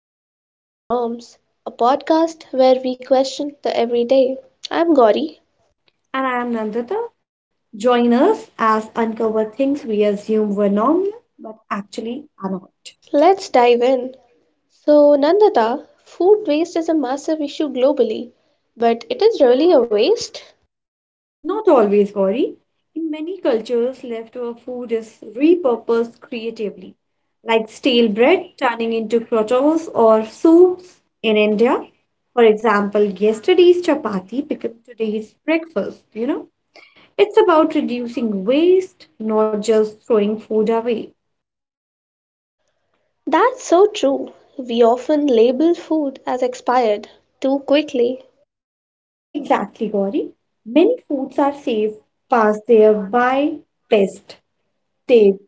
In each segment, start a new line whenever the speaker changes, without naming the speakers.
Unraveling the Norms, a podcast where we question the everyday. I'm Gauri.
And I am Nandita. Join us as uncover things we assume were normal but actually are not.
Let's dive in. So, Nandita, food waste is a massive issue globally, but it is really a waste?
Not always gory. In many cultures, leftover food is repurposed creatively, like stale bread turning into croutons or soups in India. For example, yesterday's chapati became today's breakfast, you know? It's about reducing waste, not just throwing food away.
That's so true. We often label food as expired too quickly.
Exactly, Gauri. Many foods are safe past their by best date.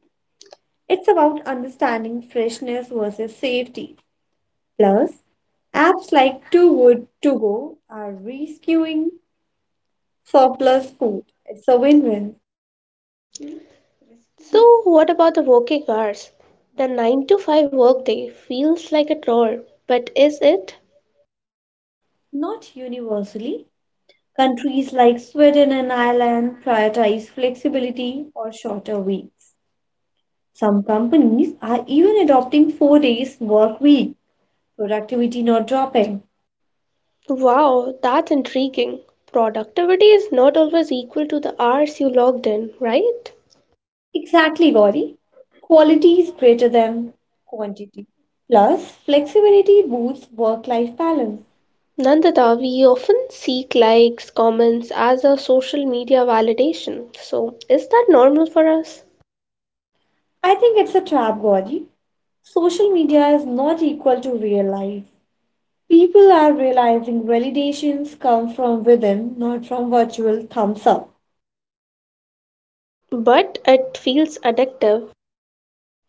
It's about understanding freshness versus safety. Plus, apps like Too Good To Go are rescuing surplus food. It's a win-win.
So, what about the working hours? The 9 to 5 workday feels like a chore, but is it?
Not universally. Countries like Sweden and Ireland prioritize flexibility or shorter weeks. Some companies are even adopting 4 days work week, productivity not dropping.
Wow, that's intriguing. Productivity is not always equal to the hours you logged in, right?
Exactly, Gauri. Quality is greater than quantity. Plus, flexibility boosts work life balance.
Nandita, we often seek likes, comments as a social media validation. So, is that normal for us?
I think it's a trap, Gauri. Social media is not equal to real life. People are realizing validations come from within, not from virtual thumbs up.
But it feels addictive.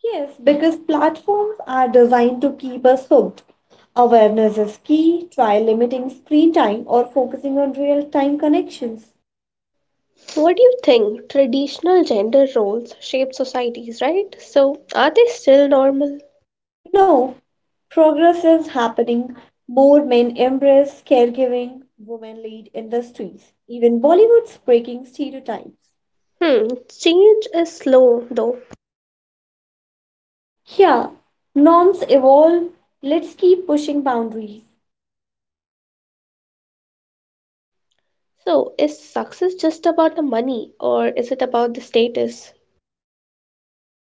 Yes, because platforms are designed to keep us hooked. Awareness is key. Try limiting screen time or focusing on real time connections.
What do you think? Traditional gender roles shape societies, right? So, are they still normal?
No, progress is happening. More men embrace caregiving, women lead industries. Even Bollywood's breaking stereotypes.
Hmm, change is slow though.
Yeah, norms evolve. Let's keep pushing boundaries.
So, is success just about the money or is it about the status?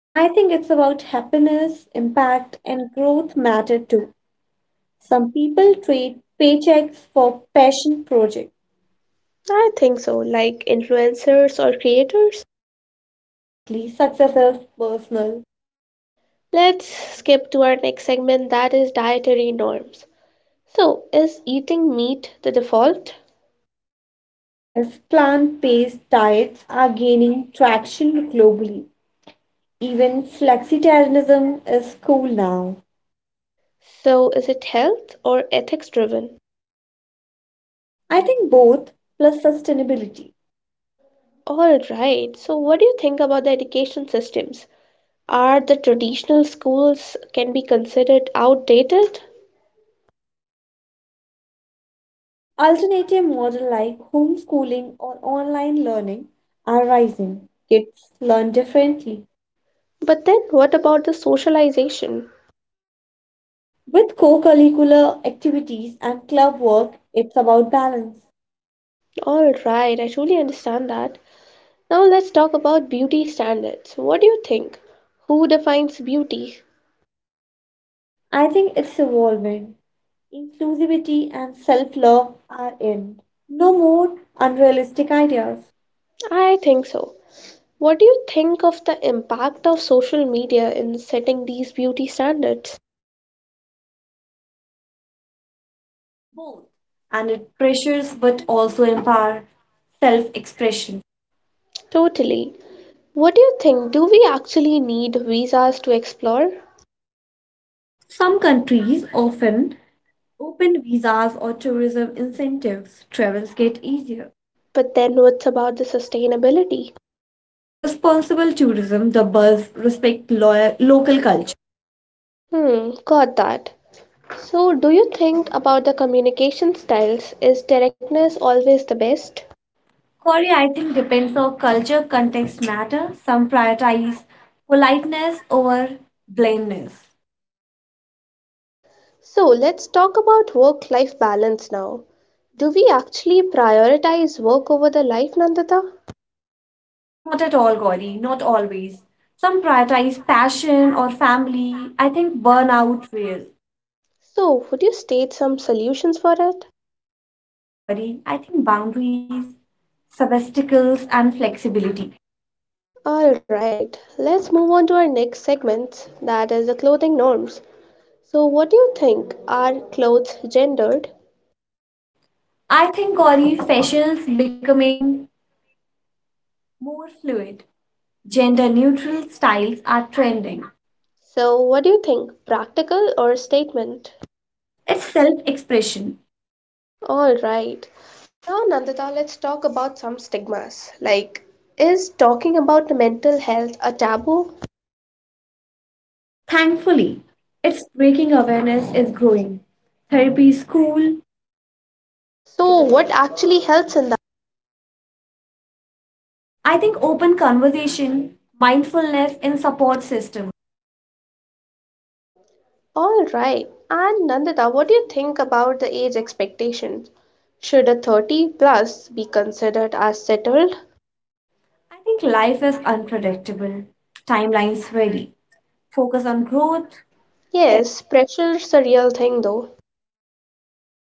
I think it's about happiness, impact, and growth matter too. Some people trade paychecks for passion projects.
I think so, like influencers or creators.
Exactly, success is personal.
Let's skip to our next segment that is dietary norms. So, is eating meat the default?
Yes, plant based diets are gaining traction globally. Even flexitarianism is cool now.
So, is it health or ethics driven?
I think both, plus sustainability.
All right. So, what do you think about the education systems? Are the traditional schools can be considered outdated?
Alternative model like homeschooling or online learning are rising. Kids learn differently.
But then what about the socialization?
With co-curricular activities and club work, it's about balance.
All right, I truly understand that. Now let's talk about beauty standards. What do you think? Who defines beauty?
I think it's evolving. Inclusivity and self-love are in. No more unrealistic ideas.
I think so. What do you think of the impact of social media in setting these beauty standards?
Both. And it pressures but also empowers self-expression.
Totally. What do you think? Do we actually need visas to explore?
Some countries often open visas or tourism incentives. Travels get easier.
But then what's about the sustainability?
Responsible tourism, the buzz, respect local culture.
Hmm, got that. So, do you think about the communication styles? Is directness always the best?
Korea, I think, depends on culture, context matter. Some prioritize politeness over blameness.
So, let's talk about work life balance now. Do we actually prioritize work over the life, Nandita?
Not at all, Gauri, not always. Some prioritize passion or family. I think burnout real.
So, would you state some solutions for it?
Yes, Gauri, I think boundaries, sabbaticals, and flexibility.
All right, let's move on to our next segment that is the clothing norms. So, what do you think? Are clothes gendered?
I think Gauri fashion's becoming more fluid. Gender neutral styles are trending.
So, what do you think? Practical or statement?
It's self expression.
All right, now Nandita, let's talk about some stigmas. Like, is talking about mental health a taboo?
Thankfully, its breaking awareness is growing. Therapy is cool.
So, what actually helps in that?
I think open conversation, mindfulness, and support system.
All right, and Nandita, what do you think about the age expectations? Should a 30 plus be considered as settled?
I think life is unpredictable. Timelines vary. Focus on growth. Yes.
Yes, pressure's a real thing though.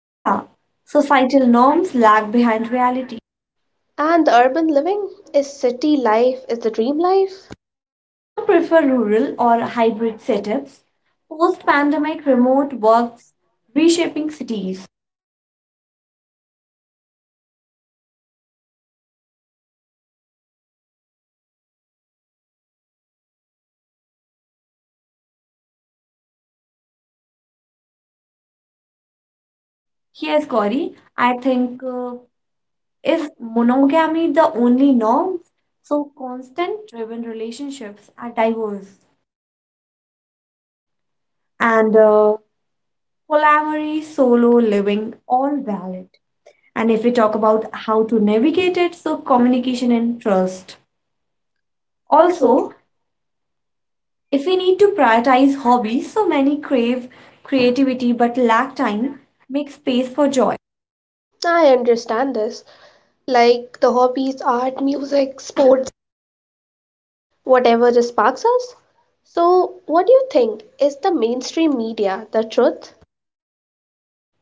Yeah. Societal norms lag behind reality.
And the urban living is city life, is the dream life.
Some prefer rural or hybrid setups. Post pandemic remote works reshaping cities. Yes, Gauri, I think is monogamy the only norm? So constant driven relationships are diverse and polyamory, solo living, all valid. And if we talk about how to navigate it, so communication and trust.
Also,
Also, if we need to prioritize hobbies, so many crave creativity but lack time, make space for joy.
I understand this. Like the hobbies, art, music, sport, whatever just sparks us. So, what do you think? Is the mainstream media the truth?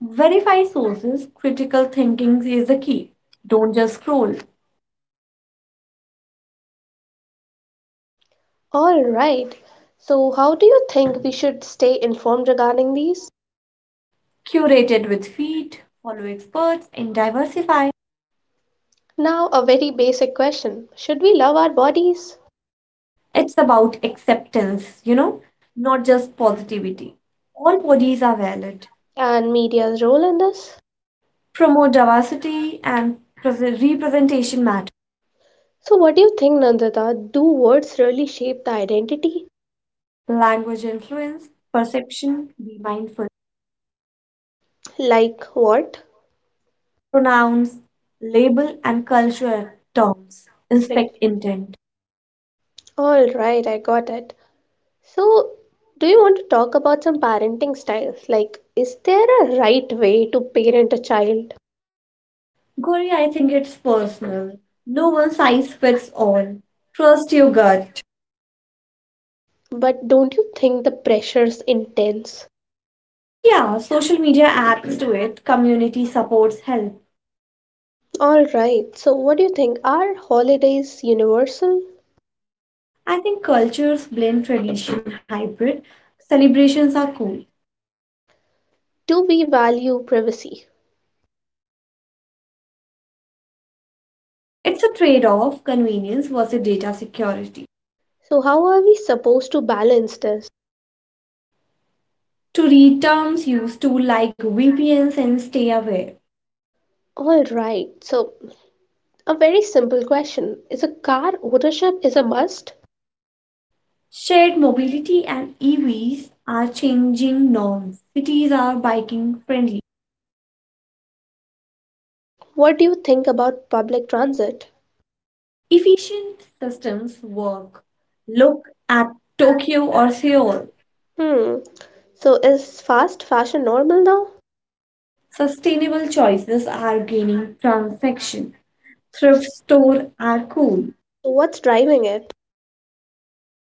Verify sources, critical thinking is the key. Don't just scroll.
All right. So, how do you think we should stay informed regarding these?
Curate it with feed, follow experts, and diversify.
Now, a very basic question. Should we love our bodies
It's about acceptance, not just positivity. All bodies are valid.
and media's role in this?
Promote diversity and representation matter.
So, what do you think, Nandita? Do words really shape the identity?
Language influence, perception, be mindful.
Like what?
Pronouns, label, and cultural terms, inspect
Inspect.
intent.
All right, I got it. So, do you want to talk about some parenting styles? Like, is there a right way to parent a child?
Gauri, I think it's personal. No one size fits all. Trust your gut.
But don't you think the pressure's intense?
Yeah, social media adds to it, community supports help.
All right, so what do you think? Are holidays universal?
I think cultures blend tradition hybrid. Celebrations are cool.
Do we value privacy?
It's a trade off convenience versus data security.
So, how are we supposed to balance this?
To read terms, use tools like VPNs and stay aware.
All right, so a very simple question. Is a car ownership is a must?
Shared mobility and EVs are changing norms. Cities are biking friendly.
What do you think about public transit?
Efficient systems work. Look at Tokyo or Seoul.
Hmm. So is fast fashion normal now?
Sustainable choices are gaining traction.
Trips.
Thrift stores are cool.
So what's driving it?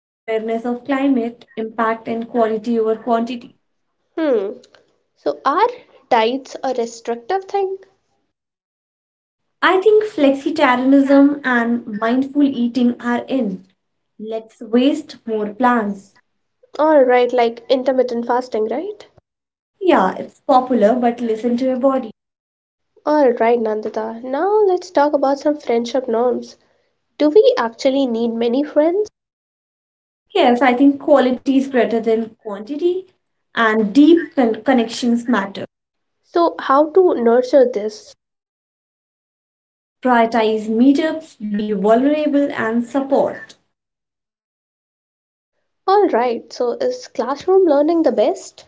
Awareness of climate, impact and quality over quantity.
Hmm. So are diets a restrictive thing?
I think flexitarianism and mindful eating are in. Let's waste more
Plans.
plants.
All right, like intermittent fasting, right?
Yeah, it's popular, but listen to your body.
All right, Nandita. Now let's talk about some friendship norms. Do we actually need many friends?
Yes, I think quality is greater than quantity and deep connections matter.
So how to nurture this?
Prioritize meetups, be vulnerable, and support.
All right. So is classroom learning the best?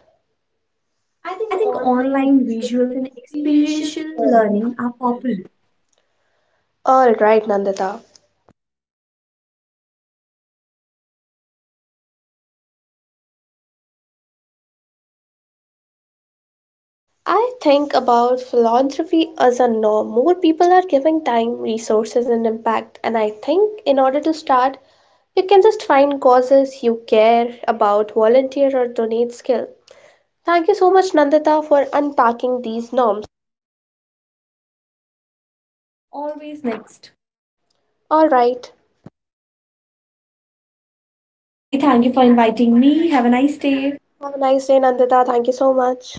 I think online visuals and experiential learning are popular.
All right, Nandita. I think about philanthropy as a norm. More people are giving time, resources, and impact. And I think in order to start, you can just find causes you care about, volunteer, or donate skill. Thank you so much, Nandita, for unpacking these norms.
Always next.
All right.
All right, Gauri, thank you for inviting me. Have a nice day.
Have a nice day, Nandita. Thank you so much.